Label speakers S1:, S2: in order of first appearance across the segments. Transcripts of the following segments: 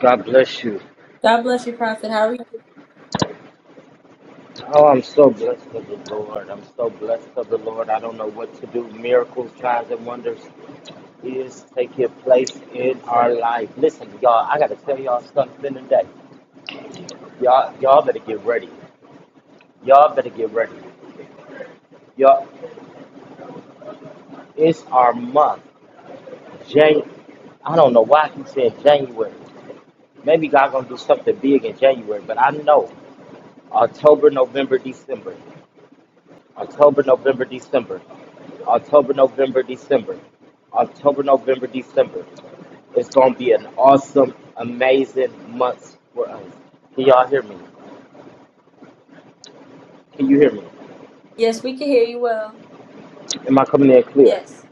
S1: God bless you.
S2: God bless you, Prophet. How are you?
S1: Oh, I'm so blessed of the Lord. I'm so blessed of the Lord. I don't know what to do. Miracles, signs, and wonders is taking place in our life. Listen, y'all, I gotta tell y'all something today. Y'all, y'all better get ready. Y'all better get ready. Y'all, it's our month. Jan. I don't know why he said January. Maybe God gonna do something big in January, but I know October, November, December. October, November, December. October, November, December. October, November, December. It's going to be an awesome, amazing month for us. Can y'all hear me? Can you hear me?
S2: Yes, we can hear you well.
S1: Am I coming in clear?
S2: Yes.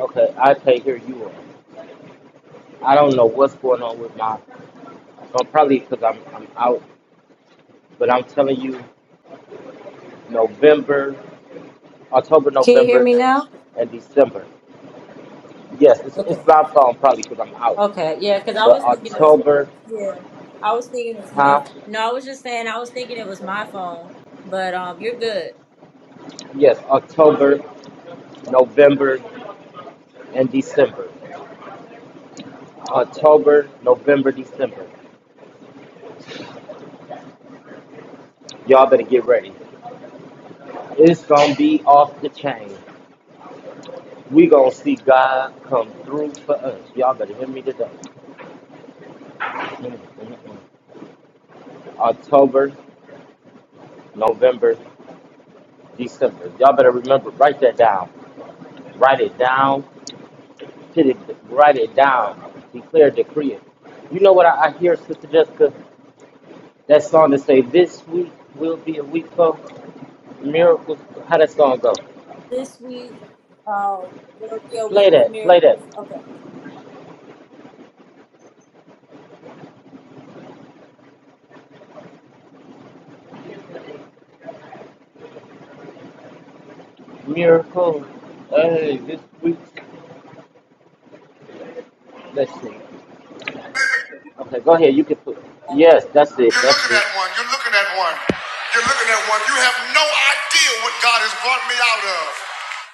S1: Okay, I can't hear you all. I don't know what's going on with my phone, probably because I'm, I'm out, but I'm telling you, November, October,
S2: Can you hear
S1: November,
S2: me now?
S1: and December. Yes, it's, it's
S2: Okay.
S1: my phone probably because I'm out,
S2: Okay. Yeah, because I
S1: but
S2: was thinking it was.
S1: October,
S2: Yeah. I was thinking it's my.
S1: huh?
S2: No, I was just saying I was thinking it was my phone, but um, you're good.
S1: Yes, October, November, and December. October, November, December. Y'all better get ready. It's gonna be off the chain. We gonna see God come through for us. Y'all better hear me today. October, November, December. Y'all better remember. Write that down. Write it down. Hit it. Write it down. Declare, decree it. You know what I, I hear, Sister Jessica? That song that say, "This week will be a week for miracles." How that song go?
S2: This week, um, will be a week
S1: Play
S2: of
S1: that. Play that.
S2: miracles. Okay.
S1: Miracle. Hey, this week. Let's see. Okay, go ahead. You can put. Yes, that's it.
S2: You're
S1: That's
S2: looking
S1: it.
S2: at one. You're looking at one. You're looking at one. You have no idea what God has brought me out of.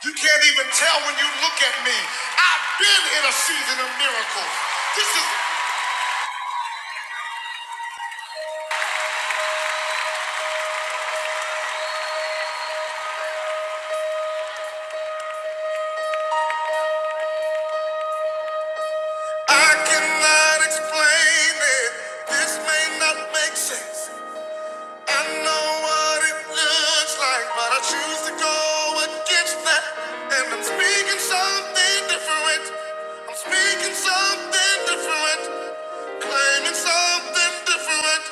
S2: You can't even tell when you look at me. I've been in a season of miracles. This is I cannot explain it. This may not make sense. I know what it looks like, but I choose to go against that. And I'm speaking something different. I'm speaking something different. Claiming something different,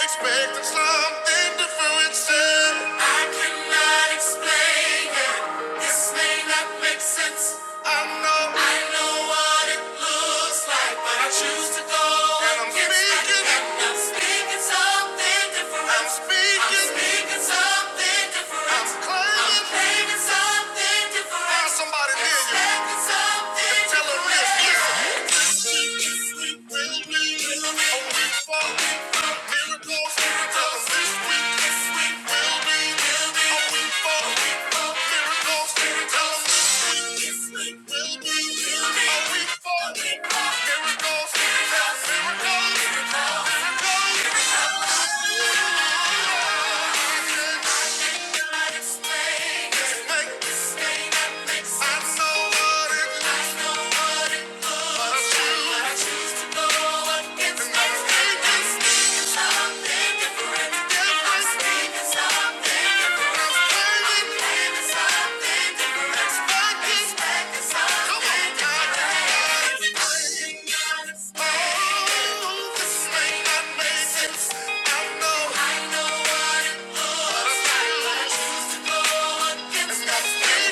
S2: expecting something different. Sin. I cannot explain it. This may not make sense. I know. I know what it looks like, but I choose to go. And I'm against speaking. it. speaking, And I'm speaking something different. I'm speaking. I'm speaking something different. I'm claiming. I'm claiming something different. Now somebody near you. Expecting something and Tell 'em this. different. Something different, different, something I know what it Miracles, miracles, this week,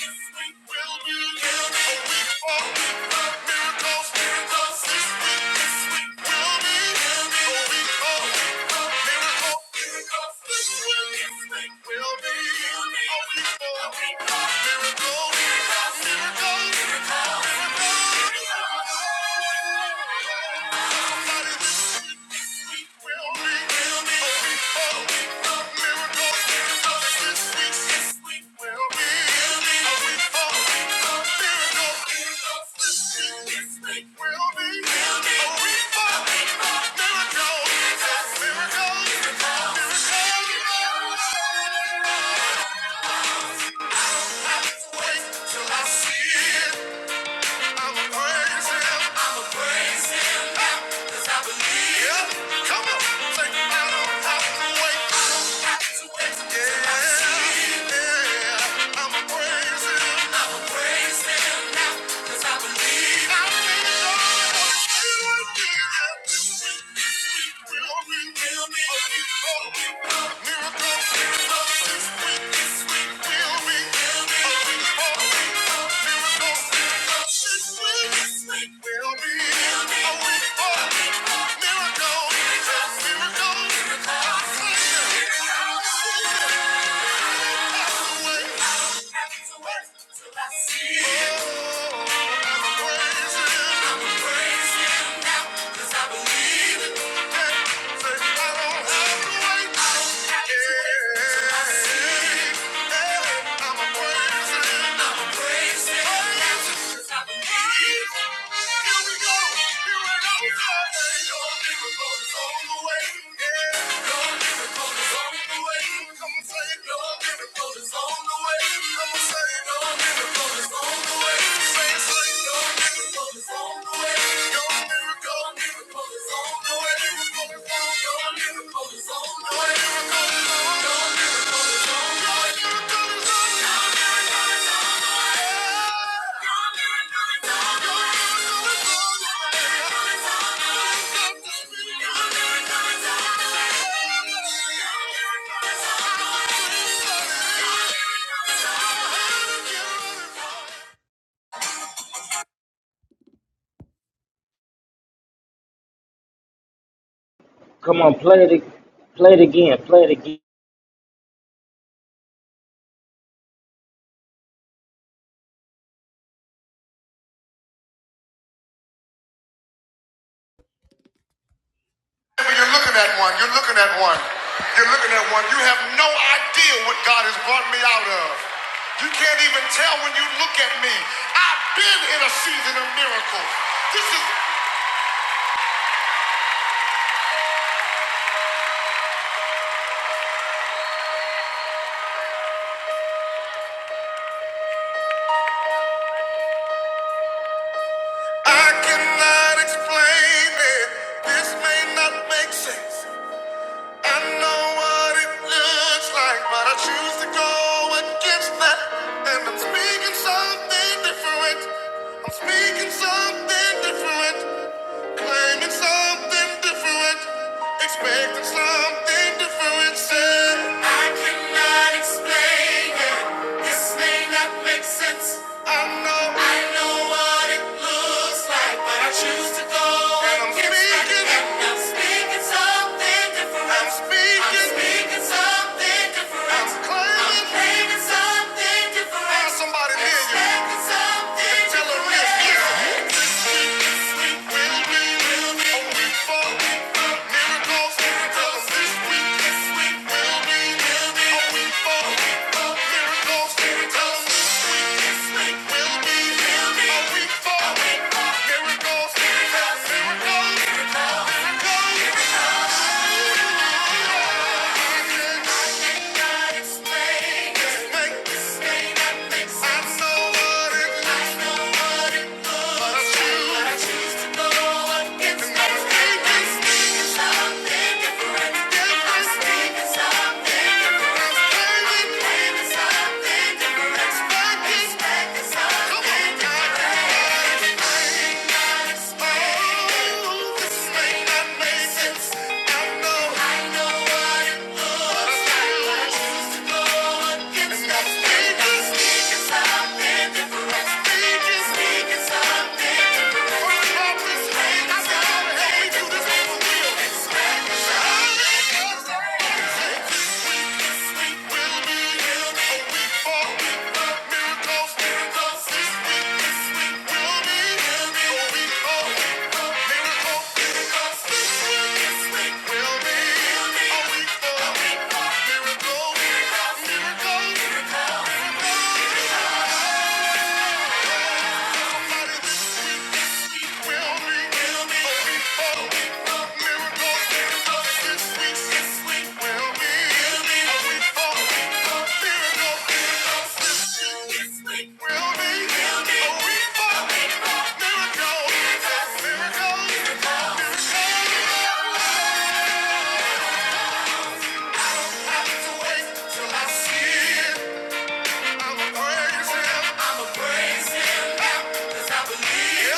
S2: this week will be, will be, oh, Somebody this week will be, will be, will be. Wait till I see it. i am going i am going now, 'cause I believe. Yeah, come on. Say, I don't have to wait. I do Yeah, i am going i am going now, 'cause I believe. I believe God will do it again. I'm gonna praise Him now 'cause I believe it. Come on, say it. Your miracle is on the way. Come on, say No Your miracle is on the way. Your miracle is on the way.
S1: Come on, play it. ag- Play it again. Play it again.
S2: When you're looking at one, you're looking at one, you're looking at one, you have no idea what God has brought me out of. You can't even tell when you look at me. I've been in a season of miracles. This is. I cannot explain it. This may not make sense. I know what it looks like, but I choose to go against that. And I'm speaking something different. I'm speaking something different. Claiming something different. Expecting something different. Said, I cannot explain it. This may not make sense. I know, I know what it looks like, but I choose to go. And I'm speaking, something different. I'm speaking, something different. I'm claiming, something different. Find somebody near something different. this, week, this week will be, will a week for miracles. Miracles. This week, this week will be, will a week for miracles. Miracles. Something different. Something different. Something different. Miracles, miracles, this week, this week will will be a week, a week. Miracles, miracles, miracles. I see it. I'm a Cause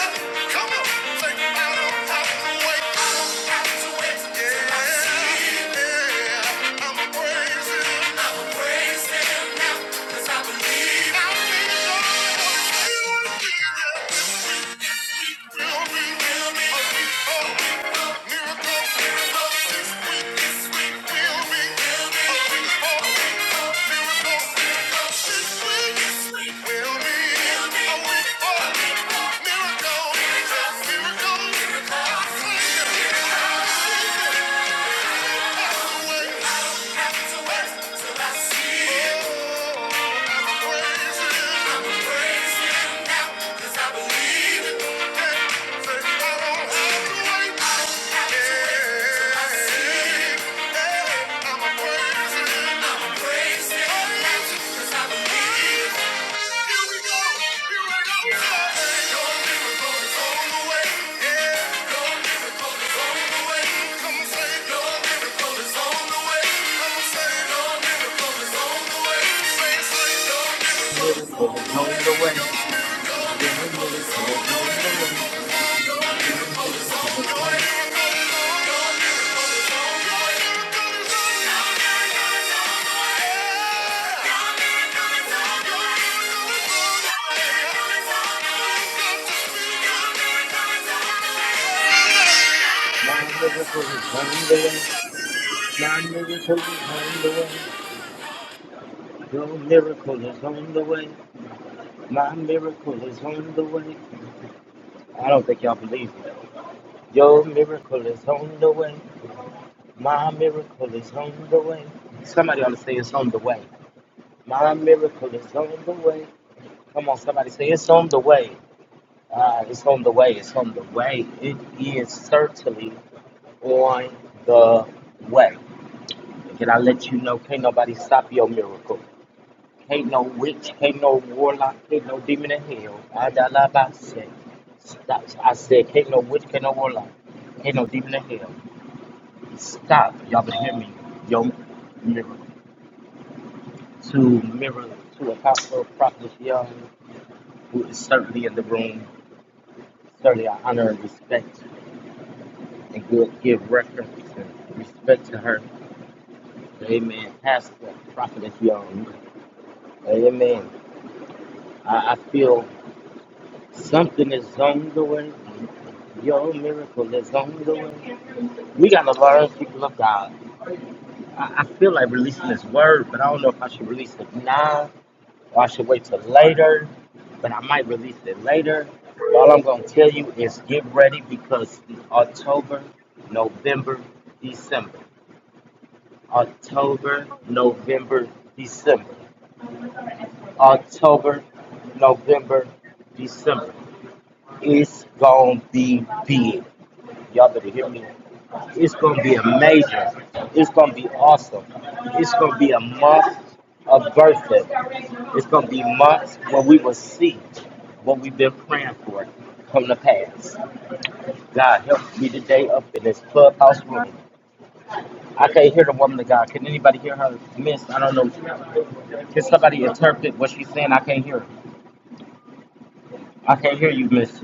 S2: I believe I feel Cause I believe I don't have to wait. we you.
S1: Miracle is on the way. Your miracle is on the way. Your miracle is on. My miracle is on the way. My miracle is on the way. Your miracle is on the way. My miracle is on the way. I don't think y'all believe me. Your miracle is on the way. My miracle is on the way. Somebody ought to say it's on the way. My miracle is on the way. Come on, somebody say it's on the way. Uh, it's on the way. It's on the way. It is certainly on the way. Can I let you know? Can't nobody stop your miracle. Can't no witch, can't no warlock, can't no demon in hell. Adalabase. Stop. I said, can't no witch, can't no warlock, can't no demon in hell. Stop. Y'all better hear me. Your miracle. to mirror to Apostle Prophet Young, who is certainly in the room. Certainly, I honor and respect and give, give reference and respect to her. Amen. Pastor Prophet Young. Amen. I, I feel something is on the way. Your miracle is on the way. We got to learn, people of God. I, I feel like releasing this word, but I don't know if I should release it now or I should wait till later, but I might release it later. But all I'm gonna tell you is get ready because October, November, December. October, November, December. October, November, December. It's gonna be big. Y'all better hear me. It's gonna be amazing. It's gonna be awesome. It's gonna be a month of birthday. It's gonna be months where we will see what we've been praying for come to pass. God help me today up in this clubhouse room. I can't hear the woman of God. Can anybody hear her? Miss, I don't know. Can somebody interpret what she's saying? I can't hear. her. I can't hear you, Miss.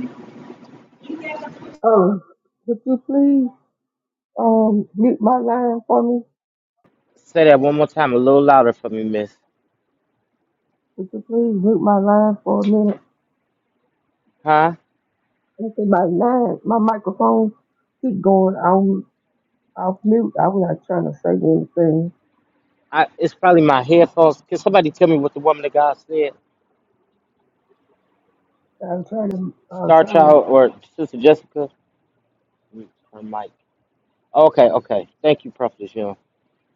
S3: Oh, would you please um mute my line for me?
S1: Say that one more time, a little louder for me, Miss.
S3: Would you please mute my line for a minute?
S1: Huh?
S3: It's about nine. My microphone keep going. I'm off mute. I was not trying to say anything.
S1: I, it's probably my headphones. Can somebody tell me what the woman of God said?
S3: I'm trying to. I'm
S1: Star
S3: trying to.
S1: Child or Sister Jessica? Or Mike. Okay, okay. Thank you, Prophet Young.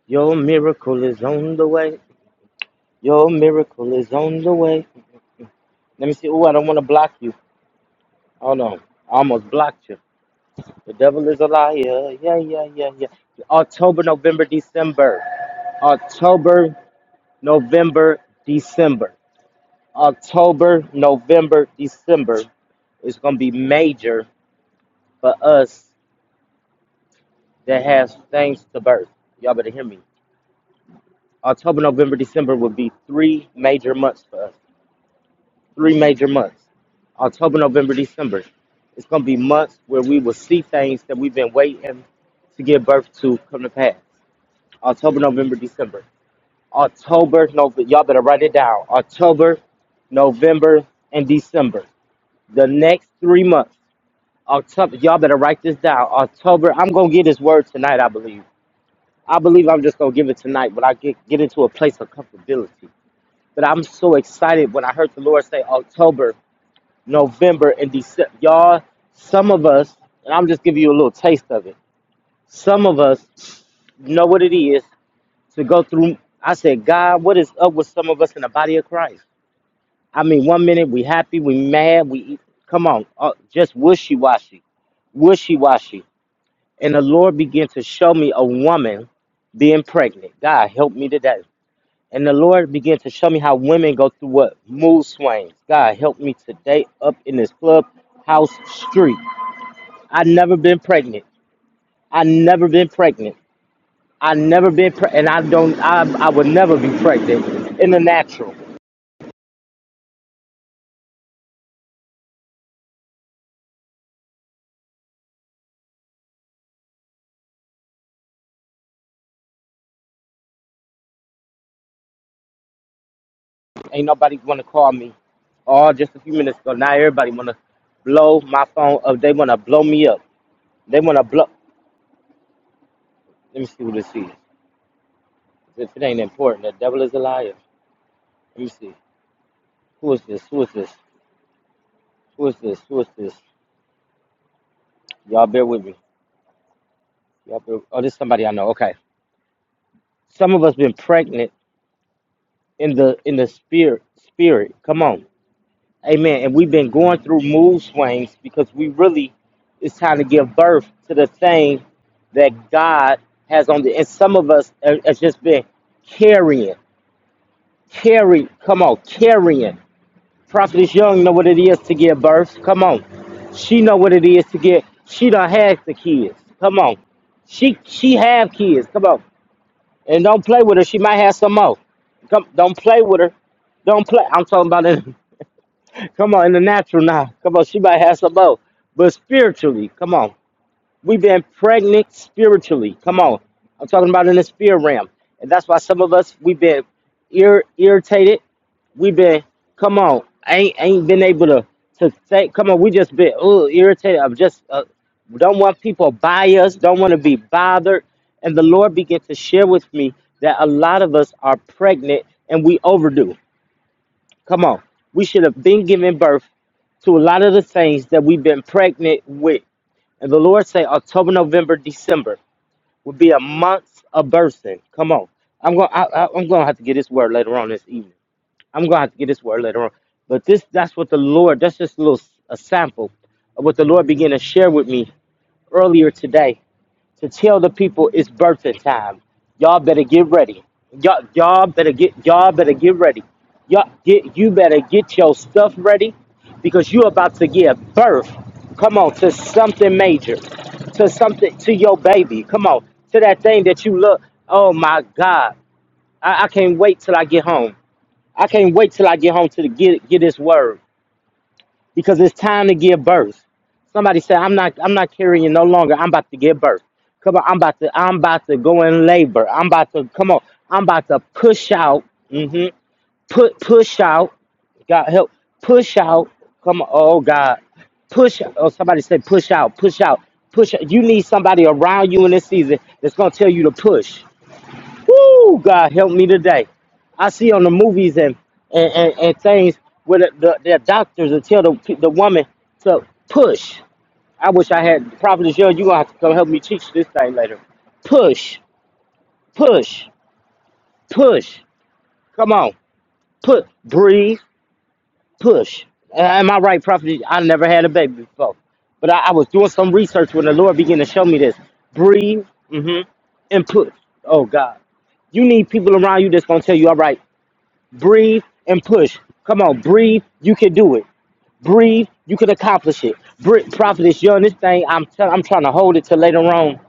S1: Your miracle is on the way. Your miracle is on the way. Let me see. Oh, I don't want to block you. Hold on. I almost blocked you. The devil is a liar. Yeah, yeah, yeah, yeah. October, November, December. October, November, December. October, November, December is going to be major for us that has things to birth. Y'all better hear me. October, November, December would be three major months for us. Three major months. October, November, December. It's going to be months where we will see things that we've been waiting to give birth to come to pass. October, November, December. October, November. Y'all better write it down. October, November, and December. The next three months. October. Y'all better write this down. October. I'm going to get this word tonight, I believe. I believe I'm just going to give it tonight, but I get, get into a place of comfortability. But I'm so excited when I heard the Lord say October, November, and December. Y'all, some of us, and I'm just giving you a little taste of it. Some of us know what it is to go through. I said, God, what is up with some of us in the body of Christ? I mean, one minute we happy, we mad, we come on, uh, just wishy washy, wishy washy. And the Lord began to show me a woman being pregnant. God, help me today And the Lord began to show me how women go through what mood swings. God help me today up in this clubhouse street. I never been pregnant. I never been pregnant. I never been pre- and I don't. I I would never be pregnant in the natural. Ain't nobody want to call me. Oh, just a few minutes ago. Now everybody wanna blow my phone up. They wanna blow me up. They wanna blow. Let me see who this is. If it ain't important, the devil is a liar. Let me see. Who is this? Who is this? Who is this? Who is this? Y'all bear with me. Yep. Oh, this is somebody I know. Okay. Some of us been pregnant in the in the spirit spirit. Come on. Amen. And we've been going through mood swings because we really it's time to give birth to the thing that God has on the and some of us have have just been carrying, carry, come on, carrying. Prophetess Young know what it is to give birth. Come on. She know what it is to get she done had the kids. Come on. She she have kids. Come on. And don't play with her. She might have some more. Come, don't play with her. Don't play. I'm talking about it. Come on, in the natural now. Come on, she might have some more. But spiritually, come on. We've been pregnant spiritually. Come on. I'm talking about in the spirit realm. And that's why some of us, we've been ir- irritated we been come on. I ain't ain't been able to to say come on. We just been oh irritated. I'm just uh, don't want people by us. Don't want to be bothered. And the Lord began to share with me that a lot of us are pregnant and we overdue. Come on, we should have been giving birth to a lot of the things that we've been pregnant with. And the Lord say October, November, December will be a month of birthing. Come on, I'm gonna I, I- I'm gonna have to get this word later on this evening I'm gonna have to get this word later on. But this that's what the Lord that's just a little s- a sample of what the Lord began to share with me earlier today to tell the people it's birthing time. Y'all better get ready. Y'all y'all better get y'all better get ready. Y'all get you better get your stuff ready because you're about to give birth. Come on to something major. To something to your baby. Come on. To that thing that you love. Oh my God. I, I can't wait till I get home. I can't wait till I get home to the, get get this word because it's time to give birth. Somebody said, "I'm not I'm not carrying no longer. I'm about to give birth. Come on, I'm about to I'm about to go in labor. I'm about to come on. I'm about to push out. hmm Put push out. God help. Push out. Come on. Oh God. Push. Oh, somebody said push out. Push out. Push. You need somebody around you in this season that's gonna tell you to push. Woo! God help me today. I see on the movies and and, and, and things where the, the, the doctors will tell the, the woman to push. I wish I had Prophet Joe. You're going to have to come help me teach this thing later. Push, push, push. Come on. Put, breathe, push. Uh, am I right, Prophet? I never had a baby before. But I, I was doing some research when the Lord began to show me this. Breathe, hmm and push. Oh, God. You need people around you that's going to tell you, all right, breathe and push. Come on, breathe. You can do it. Breathe. You can accomplish it. Brit, prophetess, young, this thing. I'm tell I'm trying to hold it till later on.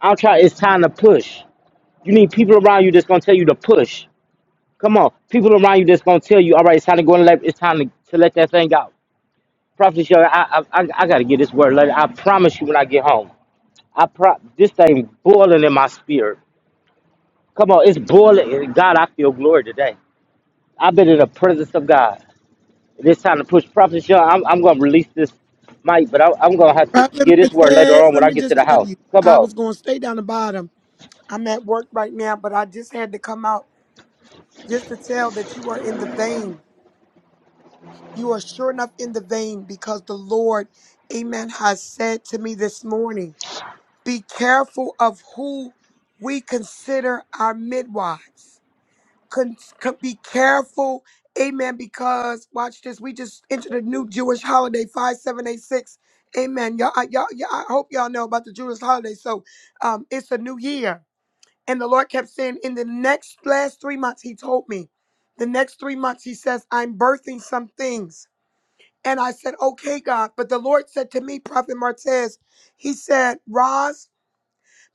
S1: I'm trying. It's time to push. You need people around you that's gonna tell you to push. Come on, people around you that's gonna tell you, all right, it's time to go and let. It's time to, to let that thing out. Prophetess, young. I, I I I gotta get this word later. I promise you when I get home. I pro- this thing boiling in my spirit. Come on, it's boiling. God, I feel glory today. I've been in the presence of God. It's time to push Prophet Sean. I'm, I'm going to release this mic, but I, I'm going to have to
S4: Prophet
S1: get this word later
S4: Martez,
S1: on
S4: let
S1: when I
S4: me
S1: get to
S4: just
S1: the
S4: tell
S1: house.
S4: you,
S1: Come
S4: I was
S1: on.
S4: going to stay down the bottom. I'm at work right now, but I just had to come out just to tell that you are in the vein. You are sure enough in the vein because the Lord, amen, has said to me this morning, be careful of who we consider our midwives. con- con- be careful. Amen. Because watch this, we just entered a new Jewish holiday, five seven eight six. Amen. Y'all, I- y'all, y'all, I hope y'all know about the Jewish holiday. So, um, it's a new year, and the Lord kept saying, in the next last three months, He told me, the next three months, He says, I'm birthing some things, and I said, okay, God. But the Lord said to me, Prophet Martez, He said, Roz.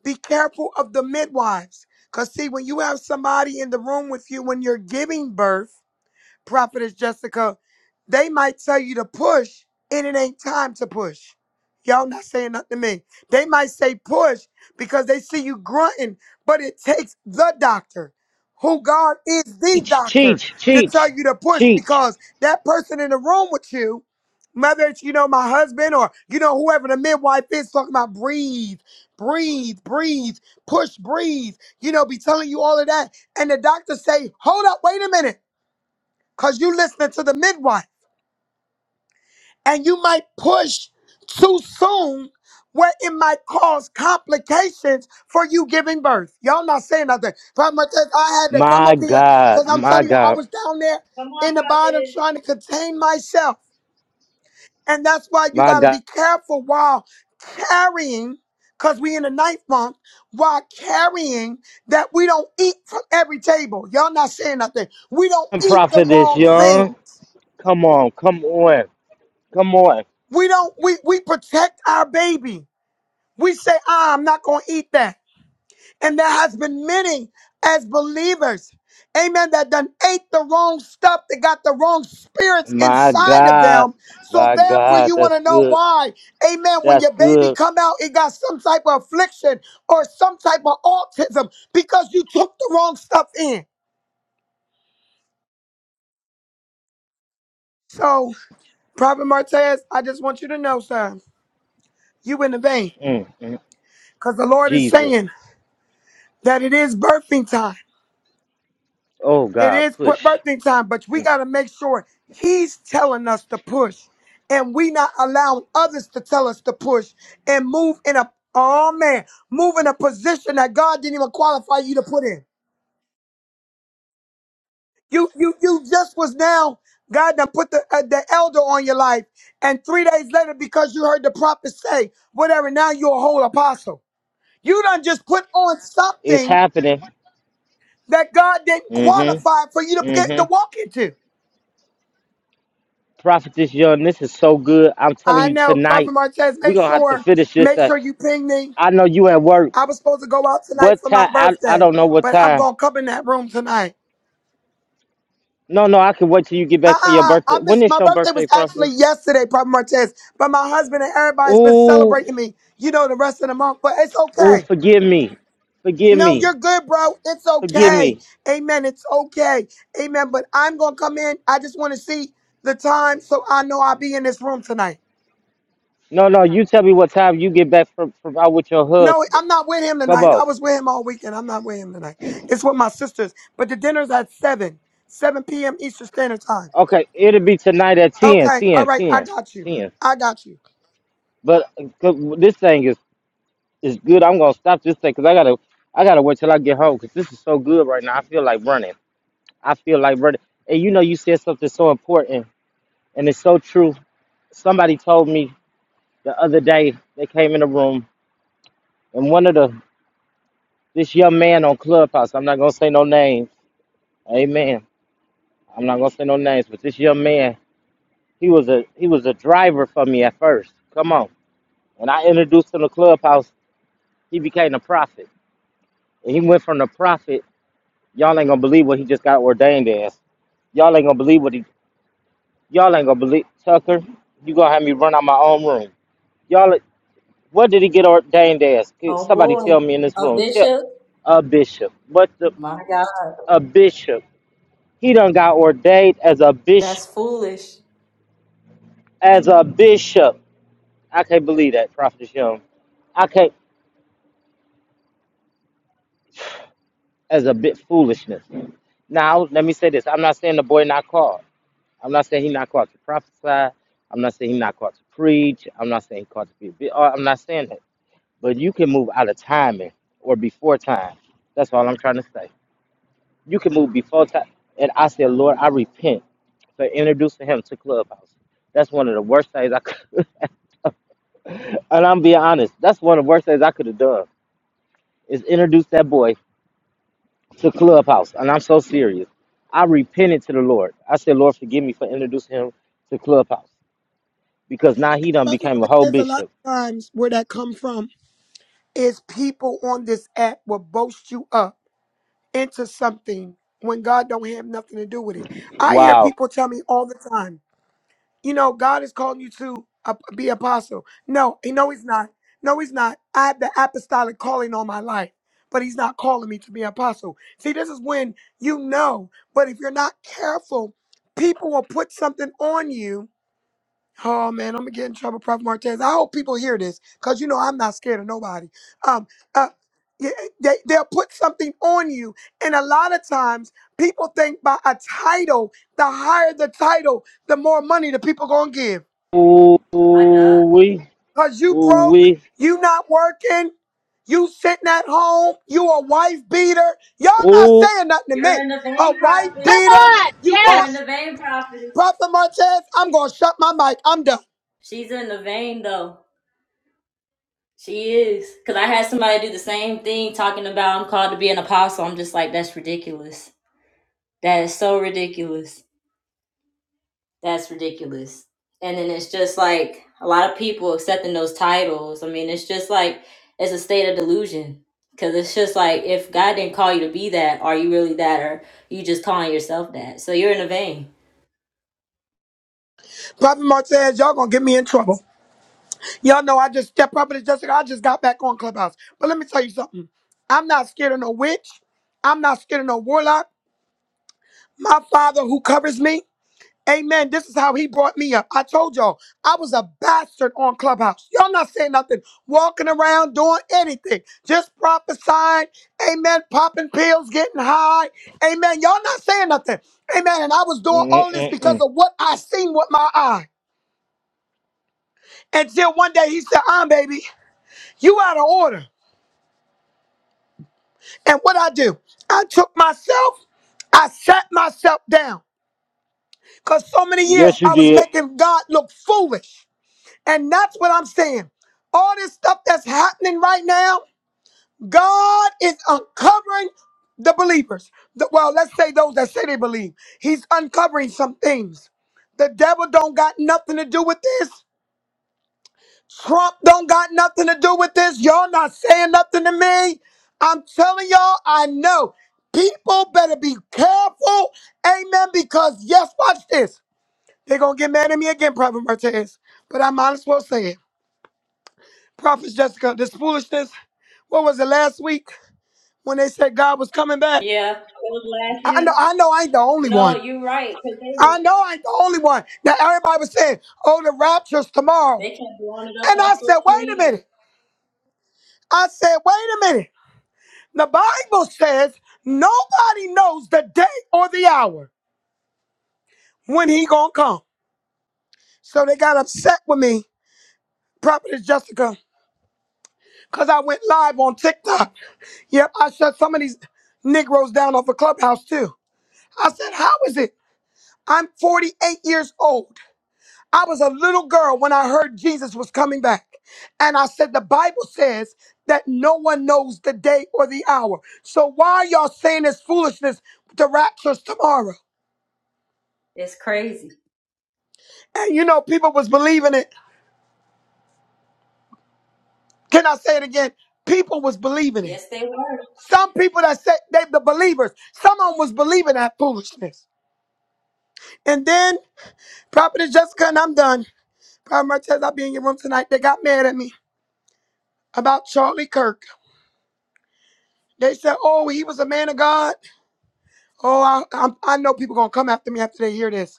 S4: Be careful of the midwives. Because, see, when you have somebody in the room with you when you're giving birth, Prophetess Jessica, they might tell you to push, and it ain't time to push. Y'all not saying nothing to me. They might say push because they see you grunting, but it takes the doctor, who God is the
S1: Teach,
S4: doctor,
S1: teach,
S4: to tell
S1: teach,
S4: you to push
S1: teach.
S4: because that person in the room with you, whether it's, you know, my husband or, you know, whoever the midwife is talking about, breathe, breathe, breathe, push, breathe, you know, be telling you all of that. And the doctor say, hold up, wait a minute because you listening to the midwife and you might push too soon where it might cause complications for you giving birth. Y'all not saying nothing. But I had to come
S1: My
S4: up here
S1: God,
S4: because I'm
S1: my
S4: telling you, I
S1: God,
S4: was down there
S2: Come on,
S4: in the bottom
S2: prophetess.
S4: trying to contain myself. And that's why you
S1: my
S4: got to
S1: God.
S4: be careful while carrying, because we in the ninth month, while carrying that we don't eat from every table. Y'all not saying nothing. We don't eat the
S1: Prophet is
S4: wrong thing.
S1: young. Come on, come on, come on.
S4: We don't we we protect our baby. We say, ah, I'm not gonna eat that. And there has been many as believers, amen, that done ate the wrong stuff, They got the wrong spirits
S1: My
S4: inside of
S1: God,
S4: them. So
S1: my
S4: therefore
S1: God,
S4: you
S1: that's
S4: wanna know
S1: good.
S4: why. Amen. When
S1: That's
S4: your baby
S1: good.
S4: come out, it got some type of affliction or some type of autism because you took the wrong stuff in. So, Prophet Martez, I just want you to know, sir, you in the vein.
S1: Mm, mm.
S4: Because the Lord is
S1: Jesus.
S4: saying that it is birthing time.
S1: Oh,
S4: It
S1: God,
S4: is bu-
S1: push.
S4: birthing time, but we
S1: Mm.
S4: got to make sure he's telling us to push and we not allowing others to tell us to push and move in a oh man, move in a position that God didn't even qualify you to put in. You you you just was now God done put the uh, the elder on your life and 3 days later because you heard the prophet say whatever now you're a whole apostle. You done just put on
S1: It's
S4: something
S1: happening.
S4: that God didn't
S1: Mm-hmm.
S4: qualify for you to get
S1: Mm-hmm.
S4: to walk into.
S1: Prophetess Young, this is so good. I'm telling
S4: I
S1: you
S4: know, Prophet
S1: tonight,
S4: Martez.
S1: we're
S4: Make
S1: gonna have to
S4: sure,
S1: finish this.
S4: make
S1: up.
S4: sure you ping me.
S1: I know you at work.
S4: I was supposed to go out tonight
S1: What
S4: for my
S1: time? I, I
S4: birthday,
S1: don't know what
S4: but I'm
S1: time.
S4: gonna come in that room tonight.
S1: No, no, I can wait till you get
S4: Uh,
S1: back for your
S4: uh, uh, I
S1: birthday. When
S4: missed
S1: is
S4: my
S1: your
S4: birthday was
S1: birthday,
S4: actually
S1: Prophetess?
S4: yesterday, Prophet Martez. But my husband and everybody's been
S1: Ooh,
S4: celebrating me, you know, the rest of the month. But it's
S1: ooh,
S4: okay.
S1: forgive me, forgive
S4: No,
S1: me,
S4: you're good, bro. It's
S1: forgive
S4: okay.
S1: me.
S4: Amen. It's okay. Amen. But I'm gonna come in. I just want to see the time so I know I'll be in this room tonight.
S1: No, no, you tell me what time you get back from, from out with your
S4: No,
S1: husband.
S4: I'm not with him
S1: Come
S4: tonight. I
S1: on.
S4: was with him all weekend. I'm not with him tonight. It's with my sisters. But the dinner's at 7, 7 p.m. Eastern Standard Time.
S1: Okay, it'll be tonight at 10,
S4: Okay. All
S1: 10, ten,
S4: right.
S1: 10.
S4: I got you. I got you.
S1: But uh, this thing is It's good. I'm gonna stop this thing 'cause I gotta I gotta wait till I get home 'cause this is so good right now. I feel like running. I feel like running. And you know, you said something so important, and it's so true. Somebody told me the other day they came in the room, and one of the this young man on Clubhouse. I'm not gonna say no names. Amen. I'm not gonna say no names, but this young man, he was a he was a driver for me at first. Come on. When I introduced him to Clubhouse, he became a prophet, and he went from the prophet. Y'all ain't gonna believe what he just got ordained as. Y'all ain't gonna believe what he. Y'all ain't gonna believe Tucker. You gonna have me run out my own room. Y'all, what did he get ordained as? Could
S2: Oh
S1: Somebody tell
S2: boy,
S1: me in this
S2: a
S1: room. Tell
S2: bishop.
S1: a bishop. What the
S2: My God,
S1: a bishop? He done got ordained as a bishop.
S2: that's foolish.
S1: As a bishop. I can't believe that, Prophet Young. I can't. As a bit foolishness. Now, let me say this. I'm not saying the boy not called. I'm not saying he not called to prophesy. I'm not saying he not called to preach. I'm not saying he called to be. a bi- uh, I'm not saying that. but you can move out of timing or before time. That's all I'm trying to say. You can move before time. And I said, Lord, I repent for introducing him to Clubhouse. That's one of the worst things I could, and I'm being honest, that's one of the worst things I could have done is introduce that boy to Clubhouse. And I'm so serious. I repented to the Lord. I said, Lord, forgive me for introducing him to Clubhouse because now he done
S4: Brother,
S1: became a
S4: but
S1: whole
S4: there's a lot
S1: bishop.
S4: of times where that come from is people on this app will boast you up into something when God don't have nothing to do with it. I hear
S1: Wow.
S4: people tell me all the time. you know, God is calling you to uh, be apostle. No, he no, he's not. No, he's not. I have the apostolic calling on my life, but he's not calling me to be apostle. See, this is when you know, but if you're not careful, people will put something on you Oh man, I'm gonna get in trouble, Prophet Martez. I hope people hear this, cause you know I'm not scared of nobody. Um, uh, yeah, they they'll put something on you, and a lot of times people think by a title, the higher the title, the more money the people gonna give.
S1: Ooh, we,
S4: Cause you
S1: ooh,
S4: broke,
S1: we,
S4: you not working, you sitting at home, you a wife beater. Y'all not
S1: ooh.
S4: saying nothing to
S2: You're
S4: me.
S2: in the
S4: A
S2: vein,
S4: wife
S2: prophet.
S5: Come
S4: beater,
S5: on!
S4: you
S2: You're
S4: got
S2: in
S5: Yes!
S2: the vein, prophet.
S4: Prophet Martez. I'm gonna shut my mic. I'm done.
S2: She's in the vein though. She is. Cause I had somebody do the same thing, talking about I'm called to be an apostle. I'm just like, that's ridiculous. That is so ridiculous. That's ridiculous. And then it's just like a lot of people accepting those titles. I mean, it's just like it's a state of delusion. Cause it's just like if God didn't call you to be that, are you really that, or you just calling yourself that? So you're in a vein.
S4: Prophet Martez, y'all gonna get me in trouble. Y'all know I just stepped up and Jessica. I just got back on Clubhouse. But let me tell you something. I'm not scared of no witch. I'm not scared of no warlock. My father who covers me, amen. This is how he brought me up. I told y'all, I was a bastard on Clubhouse. Y'all not saying nothing, walking around, doing anything, just prophesying, amen, popping pills, getting high, amen. Y'all not saying nothing, amen. And I was doing all this because
S1: Mm-mm-mm.
S4: of what I seen with my eye. Until one day he said, I'm baby, you out of order. And what I do, I took myself, I sat myself down. Because so many years
S1: Yes, you
S4: I was
S1: did.
S4: making God look foolish. And that's what I'm saying. All this stuff that's happening right now, God is uncovering the believers. The- well, let's say those that say they believe. He's uncovering some things. The devil don't got nothing to do with this. Trump don't got nothing to do with this. Y'all not saying nothing to me. I'm telling y'all, I know. People better be careful. Amen. Because yes, watch this. They're gonna get mad at me again, Prophet Martez. But I might as well say it. Prophet Jessica, this foolishness, what was it last week when they said God was coming back?
S2: Yeah, it was last
S4: I know,
S2: week.
S4: I know I ain't the only
S2: No,
S4: one.
S2: you're right. Cause they were
S4: I know I ain't the only one. Now everybody was saying, oh, the rapture's tomorrow.
S2: they kept blowing it up
S4: And
S2: on
S4: I said,
S2: social
S4: wait a
S2: media.
S4: minute. I said, wait a minute. The Bible says nobody knows the day or the hour when he gonna come. So they got upset with me, Prophetess Jessica, because I went live on TikTok. Yep, I shut some of these Negroes down off a clubhouse too. I said, how is it? I'm 48 years old. I was a little girl when I heard Jesus was coming back. And I said, the Bible says that no one knows the day or the hour. So why are y'all saying this foolishness? The rapture's tomorrow.
S2: It's crazy.
S4: And you know, people was believing it. Can I say it again? People was believing it.
S2: Yes, they were.
S4: Some people that said they the believers, some of them was believing that foolishness. And then Prophet Jessica, and I'm done. Prophet Martez, I'll be in your room tonight. They got mad at me about Charlie Kirk. They said, oh, he was a man of God. Oh, I, I, I know people going to come after me after they hear this.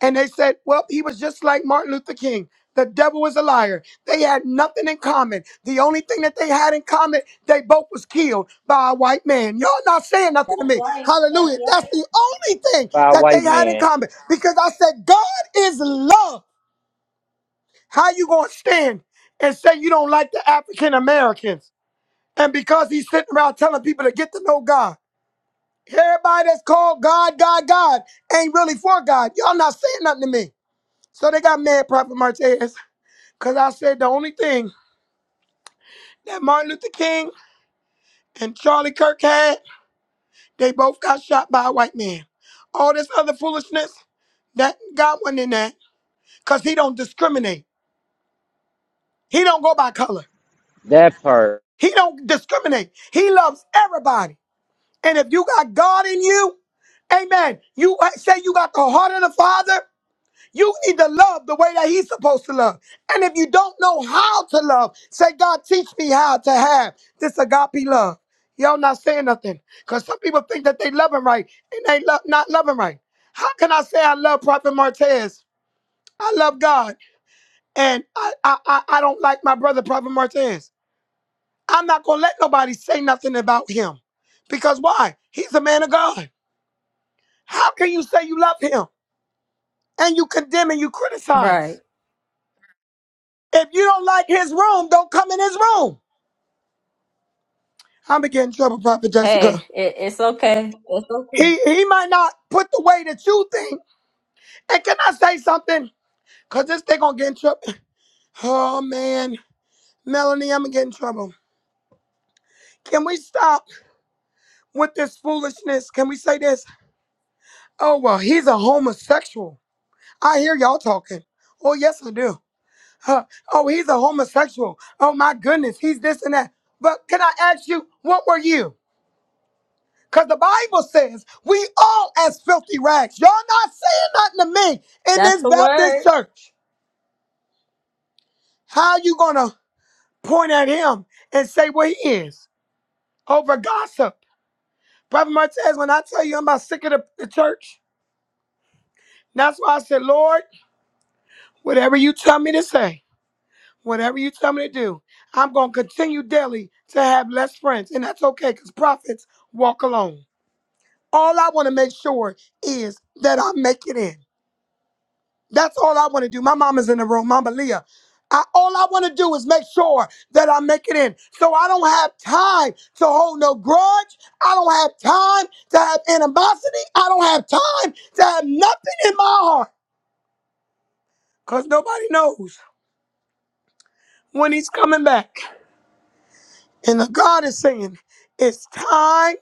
S4: And they said, well, he was just like Martin Luther King. The devil is a liar. They had nothing in common. The only thing that they had in common, they both was killed by a white man. Y'all not saying nothing to
S2: That's
S4: me.
S2: right. That's
S4: Hallelujah. That's the only thing
S1: By a
S4: that they
S1: white
S4: had in
S1: man.
S4: common. Because I said, God is love. How you gonna stand and say you don't like the African Americans? And because he's sitting around telling people to get to know God. Everybody that's called God, God, God ain't really for God. Y'all not saying nothing to me. So they got mad, Prophet Martez, because I said the only thing that Martin Luther King and Charlie Kirk had, they both got shot by a white man. All this other foolishness, that God wasn't in that, because he don't discriminate. He don't go by color.
S1: That part.
S4: He don't discriminate. He loves everybody. And if you got God in you, amen, you say you got the heart of the Father, You need to love the way that He's supposed to love. And if you don't know how to love, say, God, teach me how to have this agape love. Y'all not saying nothing. Because some people think that they loving right and they love not loving right. How can I say I love Prophet Martez? I love God and I, I, I, I don't like my brother Prophet Martez. I'm not gonna let nobody say nothing about him. Because why? He's a man of God. How can you say you love him and you condemn and you
S2: right.
S4: criticize?
S2: Right.
S4: If you don't like his room, don't come in his room. I'm gonna get in trouble, Prophet Jessica.
S2: Hey, it, it's okay. It's okay.
S4: He he might not put the way that you think. And can I say something? Cause this they gonna get in trouble. Oh man, Melanie, I'm gonna get in trouble. Can we stop with this foolishness? Can we say this? Oh well, he's a homosexual. I hear y'all talking. Oh yes, I do. Huh. Oh, he's a homosexual. Oh my goodness, he's this and that. But can I ask you, what were you? Because the Bible says we all as filthy rags. Y'all not saying nothing to me in
S2: That's
S4: this
S2: the word.
S4: Baptist church. How you gonna point at him and say what he is over gossip? Brother Martez, when I tell you I'm about sick of the, the church, that's why I said, Lord, whatever you tell me to say, whatever you tell me to do, I'm gonna continue daily to have less friends. And that's okay, because prophets walk alone. All I want to make sure is that I make it in. That's all I want to do. My mama's in the room, Mama Leah. I, all I want to do is make sure that I make it in. So I don't have time to hold no grudge. I don't have time to have animosity. I don't have time to have nothing in my heart because nobody knows when he's coming back. And the God is saying, it's time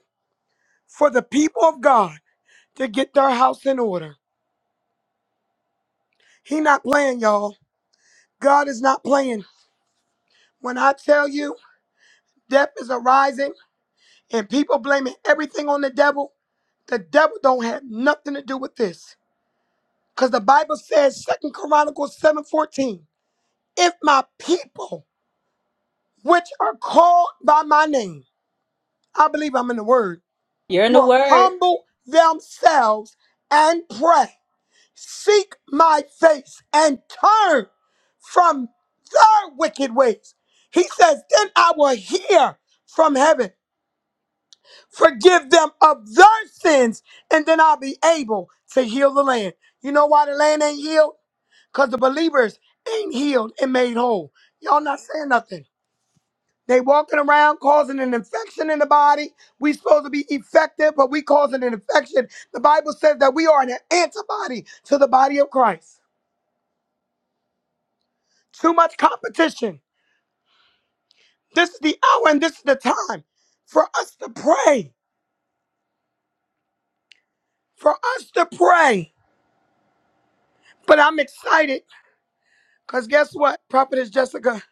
S4: for the people of God to get their house in order. He not playing, y'all. God is not playing. When I tell you, death is arising. and people blaming everything on the devil. The devil don't have nothing to do with this. Because the Bible says, Second Chronicles 7:14, if my people, which are called by my name, I believe I'm in the word,
S2: You're in the
S4: will
S2: word.
S4: humble themselves and pray, seek my face, and turn from their wicked ways. He says, then I will hear from heaven Forgive them of their sins, and then I'll be able to heal the land. You know why the land ain't healed? Because the believers ain't healed and made whole. Y'all not saying nothing. They walking around causing an infection in the body. We supposed to be effective, but we causing an infection. The Bible says that we are an antibody to the body of Christ. Too much competition. This is the hour and this is the time for us to pray. For us to pray. But I'm excited Because guess what, Prophetess Jessica?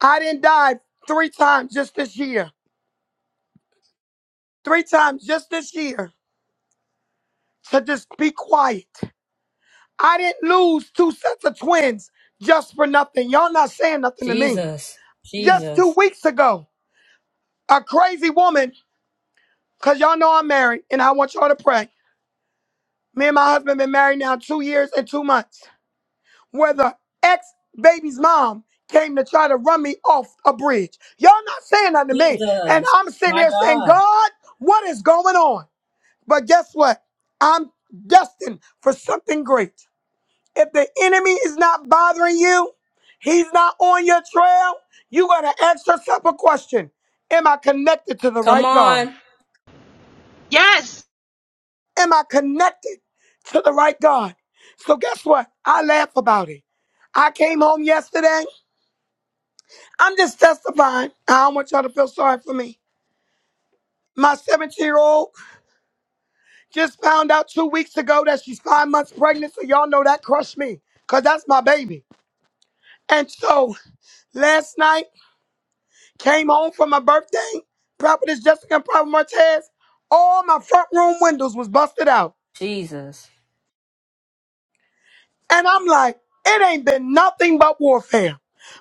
S4: I didn't die three times just this year. Three times just this year to just be quiet. I didn't lose two sets of twins just for nothing. Y'all not saying nothing to me.
S2: Jesus.
S4: Just two
S2: Jesus.
S4: weeks ago, a crazy woman, because y'all know I'm married and I want y'all to pray. Me and my husband been married now two years and two months. whether ex baby's mom came to try to run me off a bridge. Y'all not saying nothing to me. And
S2: Jesus.
S4: I'm sitting
S2: My
S4: here saying,
S2: God.
S4: God, what is going on? But guess what? I'm destined for something great. If the enemy is not bothering you, he's not on your trail, you got to ask yourself a question Am I connected to the
S2: Come
S4: right God?
S2: on.
S5: Yes!
S4: Am I connected to the right God? So guess what? I laugh about it. I came home yesterday. I'm just testifying. I don't want y'all to feel sorry for me. My 17 year old just found out two weeks ago that she's five months pregnant. So y'all know that crushed me because that's my baby. And so last night, came home from my birthday. Prophetess Jessica and Prophet Martez, all my front room windows was busted out.
S2: Jesus.
S4: And I'm like, it ain't been nothing but warfare.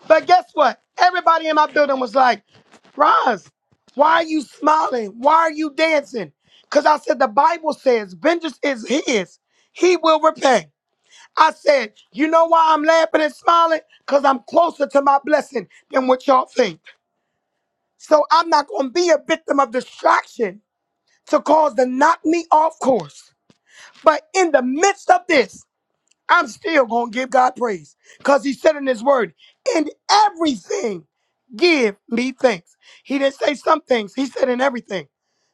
S4: But guess what? Everybody in my building was like, Roz, why are you smiling? Why are you dancing? Because I said, the Bible says, vengeance is his, he will repay. I said, you know why I'm laughing and smiling? Because I'm closer to my blessing than what y'all think. So I'm not going to be a victim of distraction to cause to knock me off course. But in the midst of this, I'm still going to give God praise because he said in his word, in everything, give me thanks. He didn't say some things, he said in everything.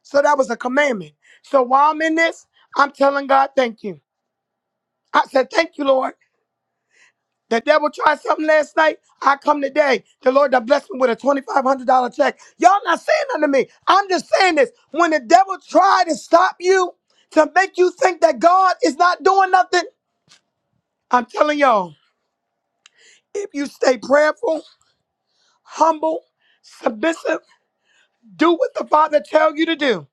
S4: So that was a commandment. So while I'm in this, I'm telling God, thank you. I said, thank you, Lord. The devil tried something last night. I come today. The Lord that blessed me with a $2,500 check. Y'all not saying nothing to me. I'm just saying this. When the devil tried to stop you, to make you think that God is not doing nothing, I'm telling y'all. If you stay prayerful, humble, submissive, do what the Father tells you to do.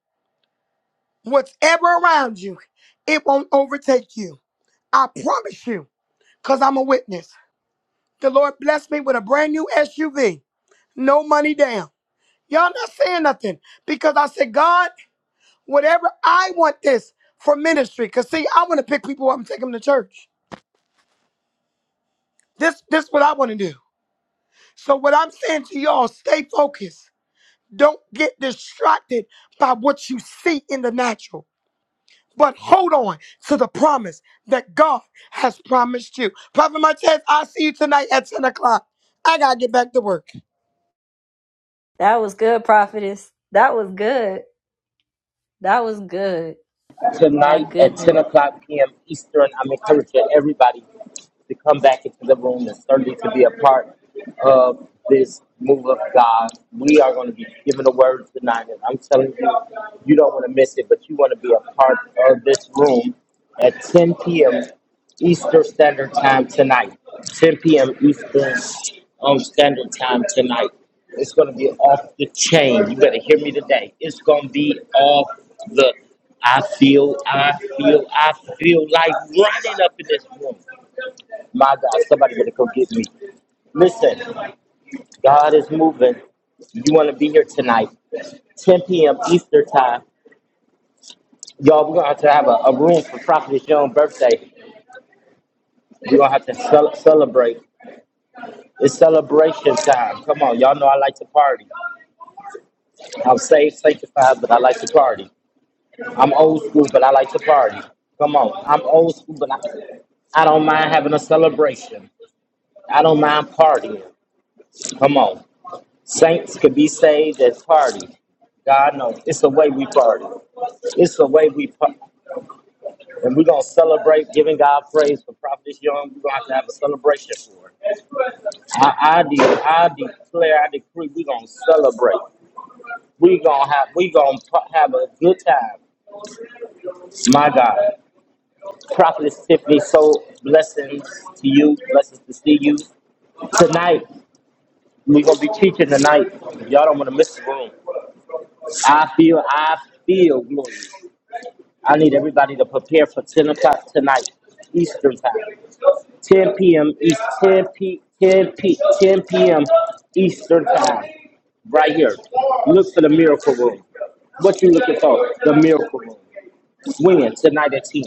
S4: Whatever around you, it won't overtake you. I promise you, because I'm a witness. The Lord blessed me with a brand new SUV. No money down. Y'all not saying nothing because I said, God, whatever I want this for ministry. Because see, I want to pick people up and take them to church. This this is what I want to do. So what I'm saying to y'all, stay focused. Don't get distracted by what you see in the natural, but hold on to the promise that God has promised you. Prophet Martez, I'll see you tonight at 10 o'clock. I got to get back to work.
S2: That was good, prophetess. That was good. That was good. My
S1: tonight at 10
S2: goodness.
S1: o'clock p.m. Eastern. I'm encouraging everybody to come back into the room and certainly to be a part of this move of God. We are going to be giving a word tonight, and I'm telling you, you don't want to miss it, but you want to be a part of this room at 10 p.m. Eastern Standard Time tonight. 10 p.m. Eastern um, Standard Time tonight. It's going to be off the chain. You better hear me today. It's going to be off the I feel, I feel, I feel like running up in this room. My God, somebody better go get me. Listen, God is moving. You want to be here tonight, 10 p.m. Eastern time. Y'all, we're going to have to have a, a room for Prophet John's birthday. We're going to have to cel- celebrate. It's celebration time. Come on, y'all know I like to party. I'm saved, sanctified, but I like to party. I'm old school, but I like to party. Come on, I'm old school, but I, I don't mind having a celebration. I don't mind partying. Come on. Saints could be saved at party. God knows. It's the way we party. It's the way we party. And we're going to celebrate giving God praise for Prophet Young. We're going to have to have a celebration for it. I, I, de- I declare, I decree, we're going to celebrate. We're going to have, we gonna pa- have a good time. My God. Prophetess Tiffany, so blessings to you. Blessings to see you. Tonight, we're going to be teaching tonight. Y'all don't want to miss the room. I feel, I feel glory. I need everybody to prepare for 10 o'clock tonight, Eastern Time. 10 p.m. East, 10 p. 10 p. 10 p.m. Eastern Time, right here. Look for the miracle room. What you looking for? The miracle room. When tonight at 10.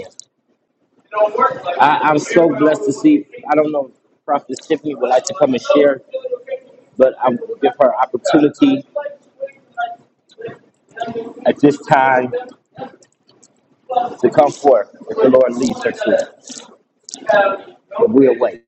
S1: I, I'm so blessed to see. I don't know. if Prophet Tiffany would like to come and share, but I'm give her opportunity at this time to come forth if the Lord leads her to. But we'll wait.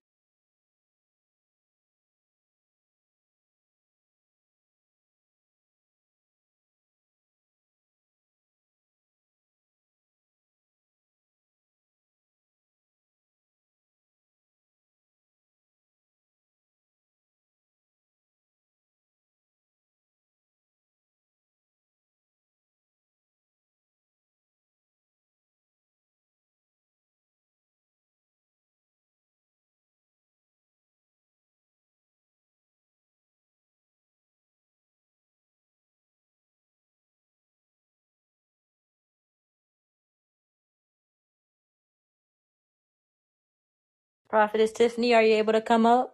S2: Prophetess Tiffany, are you able to come up?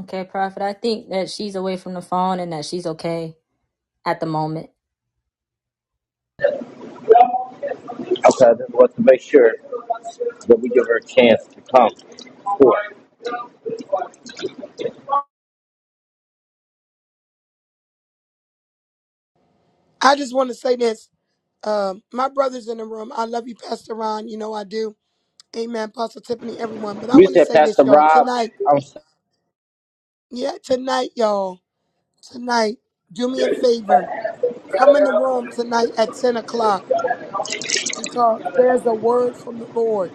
S2: Okay, prophet. I think that she's away from the phone and that she's okay at the moment.
S1: Okay, I just want to make sure that we give her a chance to come.
S4: I just want to say this. Um, my brother's in the room. I love you, Pastor Ron. You know I do. Amen. Pastor Tiffany, everyone. But I
S1: You
S4: want to
S1: said
S4: say
S1: Pastor
S4: this, y'all.
S1: Rob.
S4: Tonight, yeah, tonight, y'all. Tonight, do me a favor. Come in the room tonight at 10 o'clock. because there's a word from the Lord.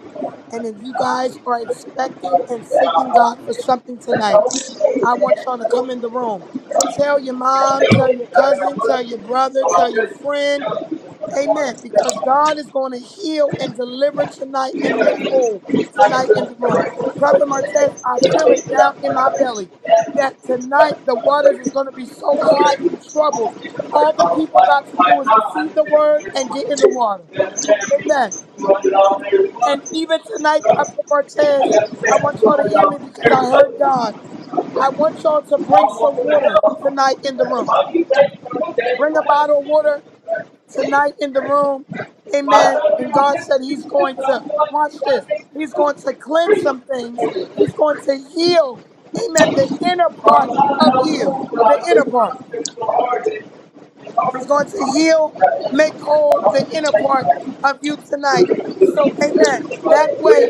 S4: And if you guys are expecting and seeking God for something tonight, I want y'all to come in the room. Tell your mom, tell your cousin, tell your brother, tell your friend.
S1: I'm
S4: Amen. Because
S1: s-
S4: God is going to heal and deliver tonight
S1: I
S4: and
S1: don't know
S4: make
S1: who
S4: whole tonight in
S1: the
S4: the room. Prophet Martez, I feel it down in my belly that tonight the waters is going to be so high and troubled. All the people got to do is receive the word and get in the water. Amen. And even tonight, Prophet Martez, I want y'all to hear me because I heard God. I want y'all to bring some water tonight in the
S1: That's
S4: room.
S1: why you say, you know, that you
S4: Bring a
S1: want
S4: bottle of water
S1: the
S4: tonight in the
S1: help.
S4: room. Amen. And God said He's going to, watch this, He's going to cleanse some things. He's going to heal, amen, the inner part of you, the inner part. He's going to heal, make whole the inner part of you tonight. So, amen. That way,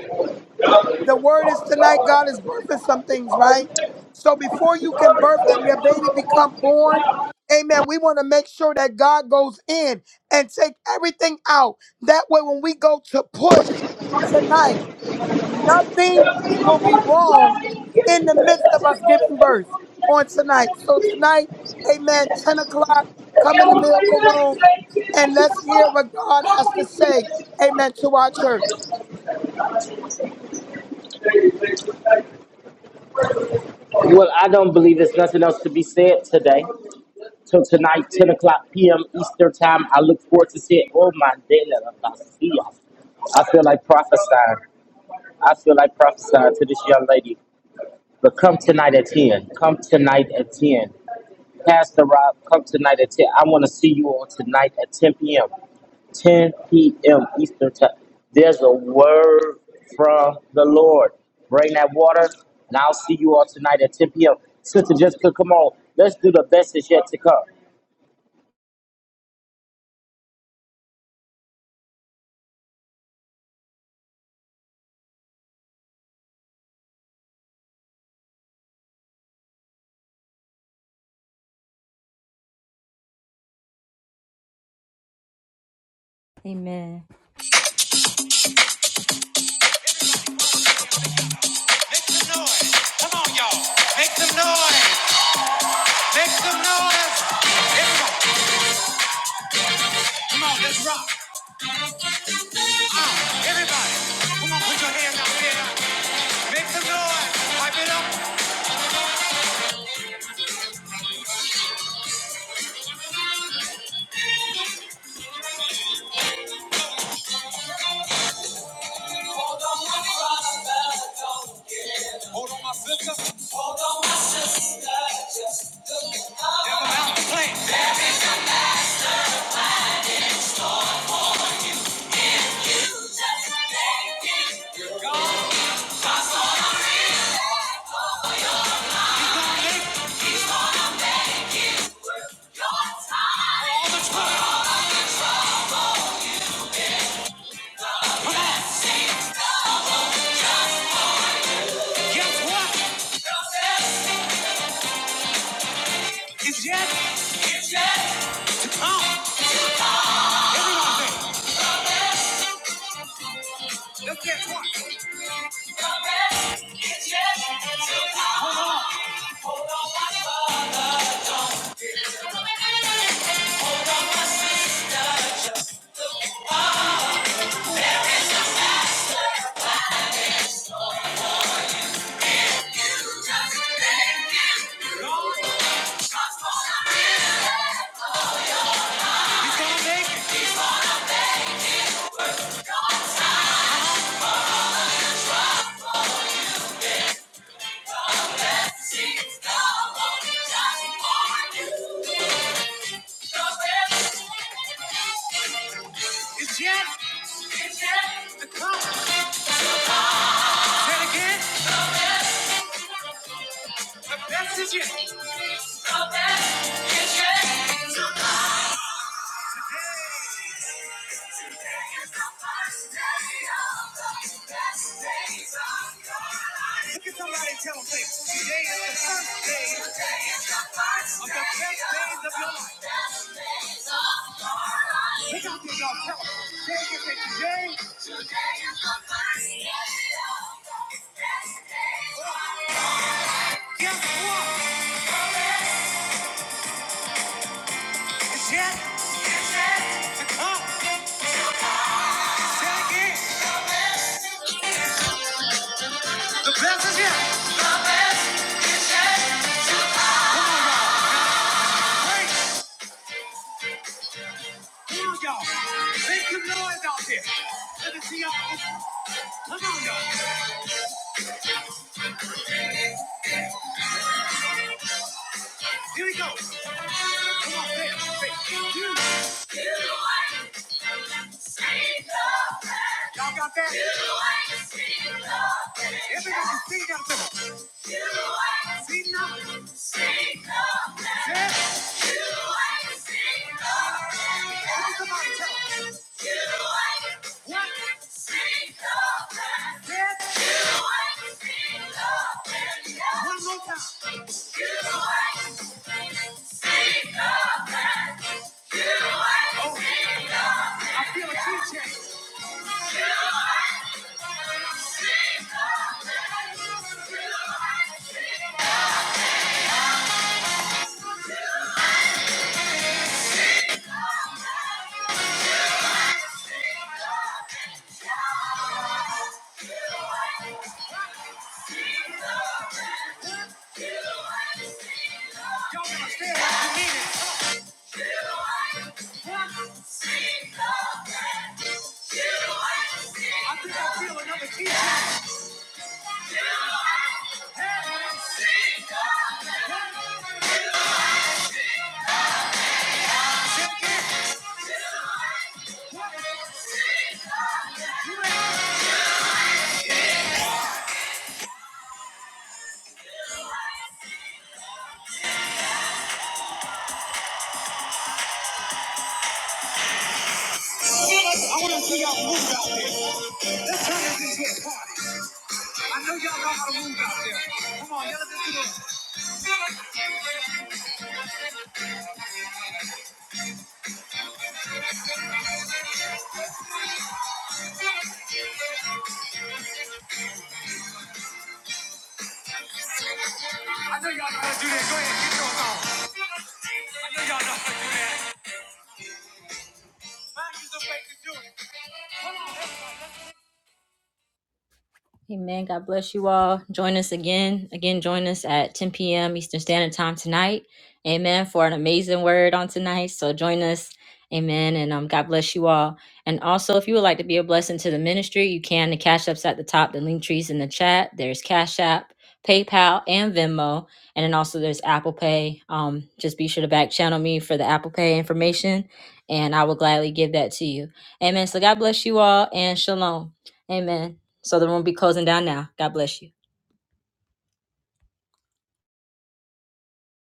S4: The word is tonight God is birthing some things, right? So before you can birth and your baby become born, amen, we want to make sure that God goes in and take everything out. That way when we go to push tonight, nothing will be wrong in the midst of us giving birth on tonight. So
S1: Thank you.
S4: tonight, amen, 10 o'clock, come in the
S1: Well,
S4: miracle room and let's hear what God has to say, amen, to our church.
S1: I don't believe there's nothing else to be said today. So tonight, 10 o'clock p.m. Eastern time, I look forward to seeing. Oh my God, I feel like prophesying. I feel like prophesying to this young lady. But come tonight at 10. Come tonight at 10. Pastor Rob, come tonight at 10. I want to see you all tonight at 10 p.m. 10 p.m. Eastern Time. There's a word from the Lord. Bring that water, and I'll see you all tonight at 10 p.m. Sister Jessica, come on. Let's do the best is yet to come.
S2: Amen. Make some noise. Come on, y'all. Make some noise. Make some noise. Everybody, come on, let's rock. Everybody, come on, put your hands out there. Make some noise. Wipe it up. Come make It's yet. It's yet. The come. And again. It's yet. Come back. It's yet. It's yet. days of the best days of your life. Pick up guess what? It's yet up. Check it. Thank y'all. Make some noise out there. Here we go. Come on, say it. Everybody see out there. I feel a key change. I want to see y'all move out there. Let's turn this into a party. I know y'all know how to move out there. Come on, y'all let's do this. Amen. God bless you all. Join us again. Again, join us at 10 p.m. Eastern Standard Time tonight. Amen. For an amazing word on tonight. So join us. Amen. And um, God bless you all. And also, if you would like to be a blessing to the ministry, you can. The Cash App's at the top, the link trees in the chat. There's Cash App, PayPal, and Venmo. And then also there's Apple Pay. Um, just be sure to back channel me for the Apple Pay information, and I will gladly give that to you. Amen. So God bless you all and shalom. Amen. So the room will be closing down now. God bless you.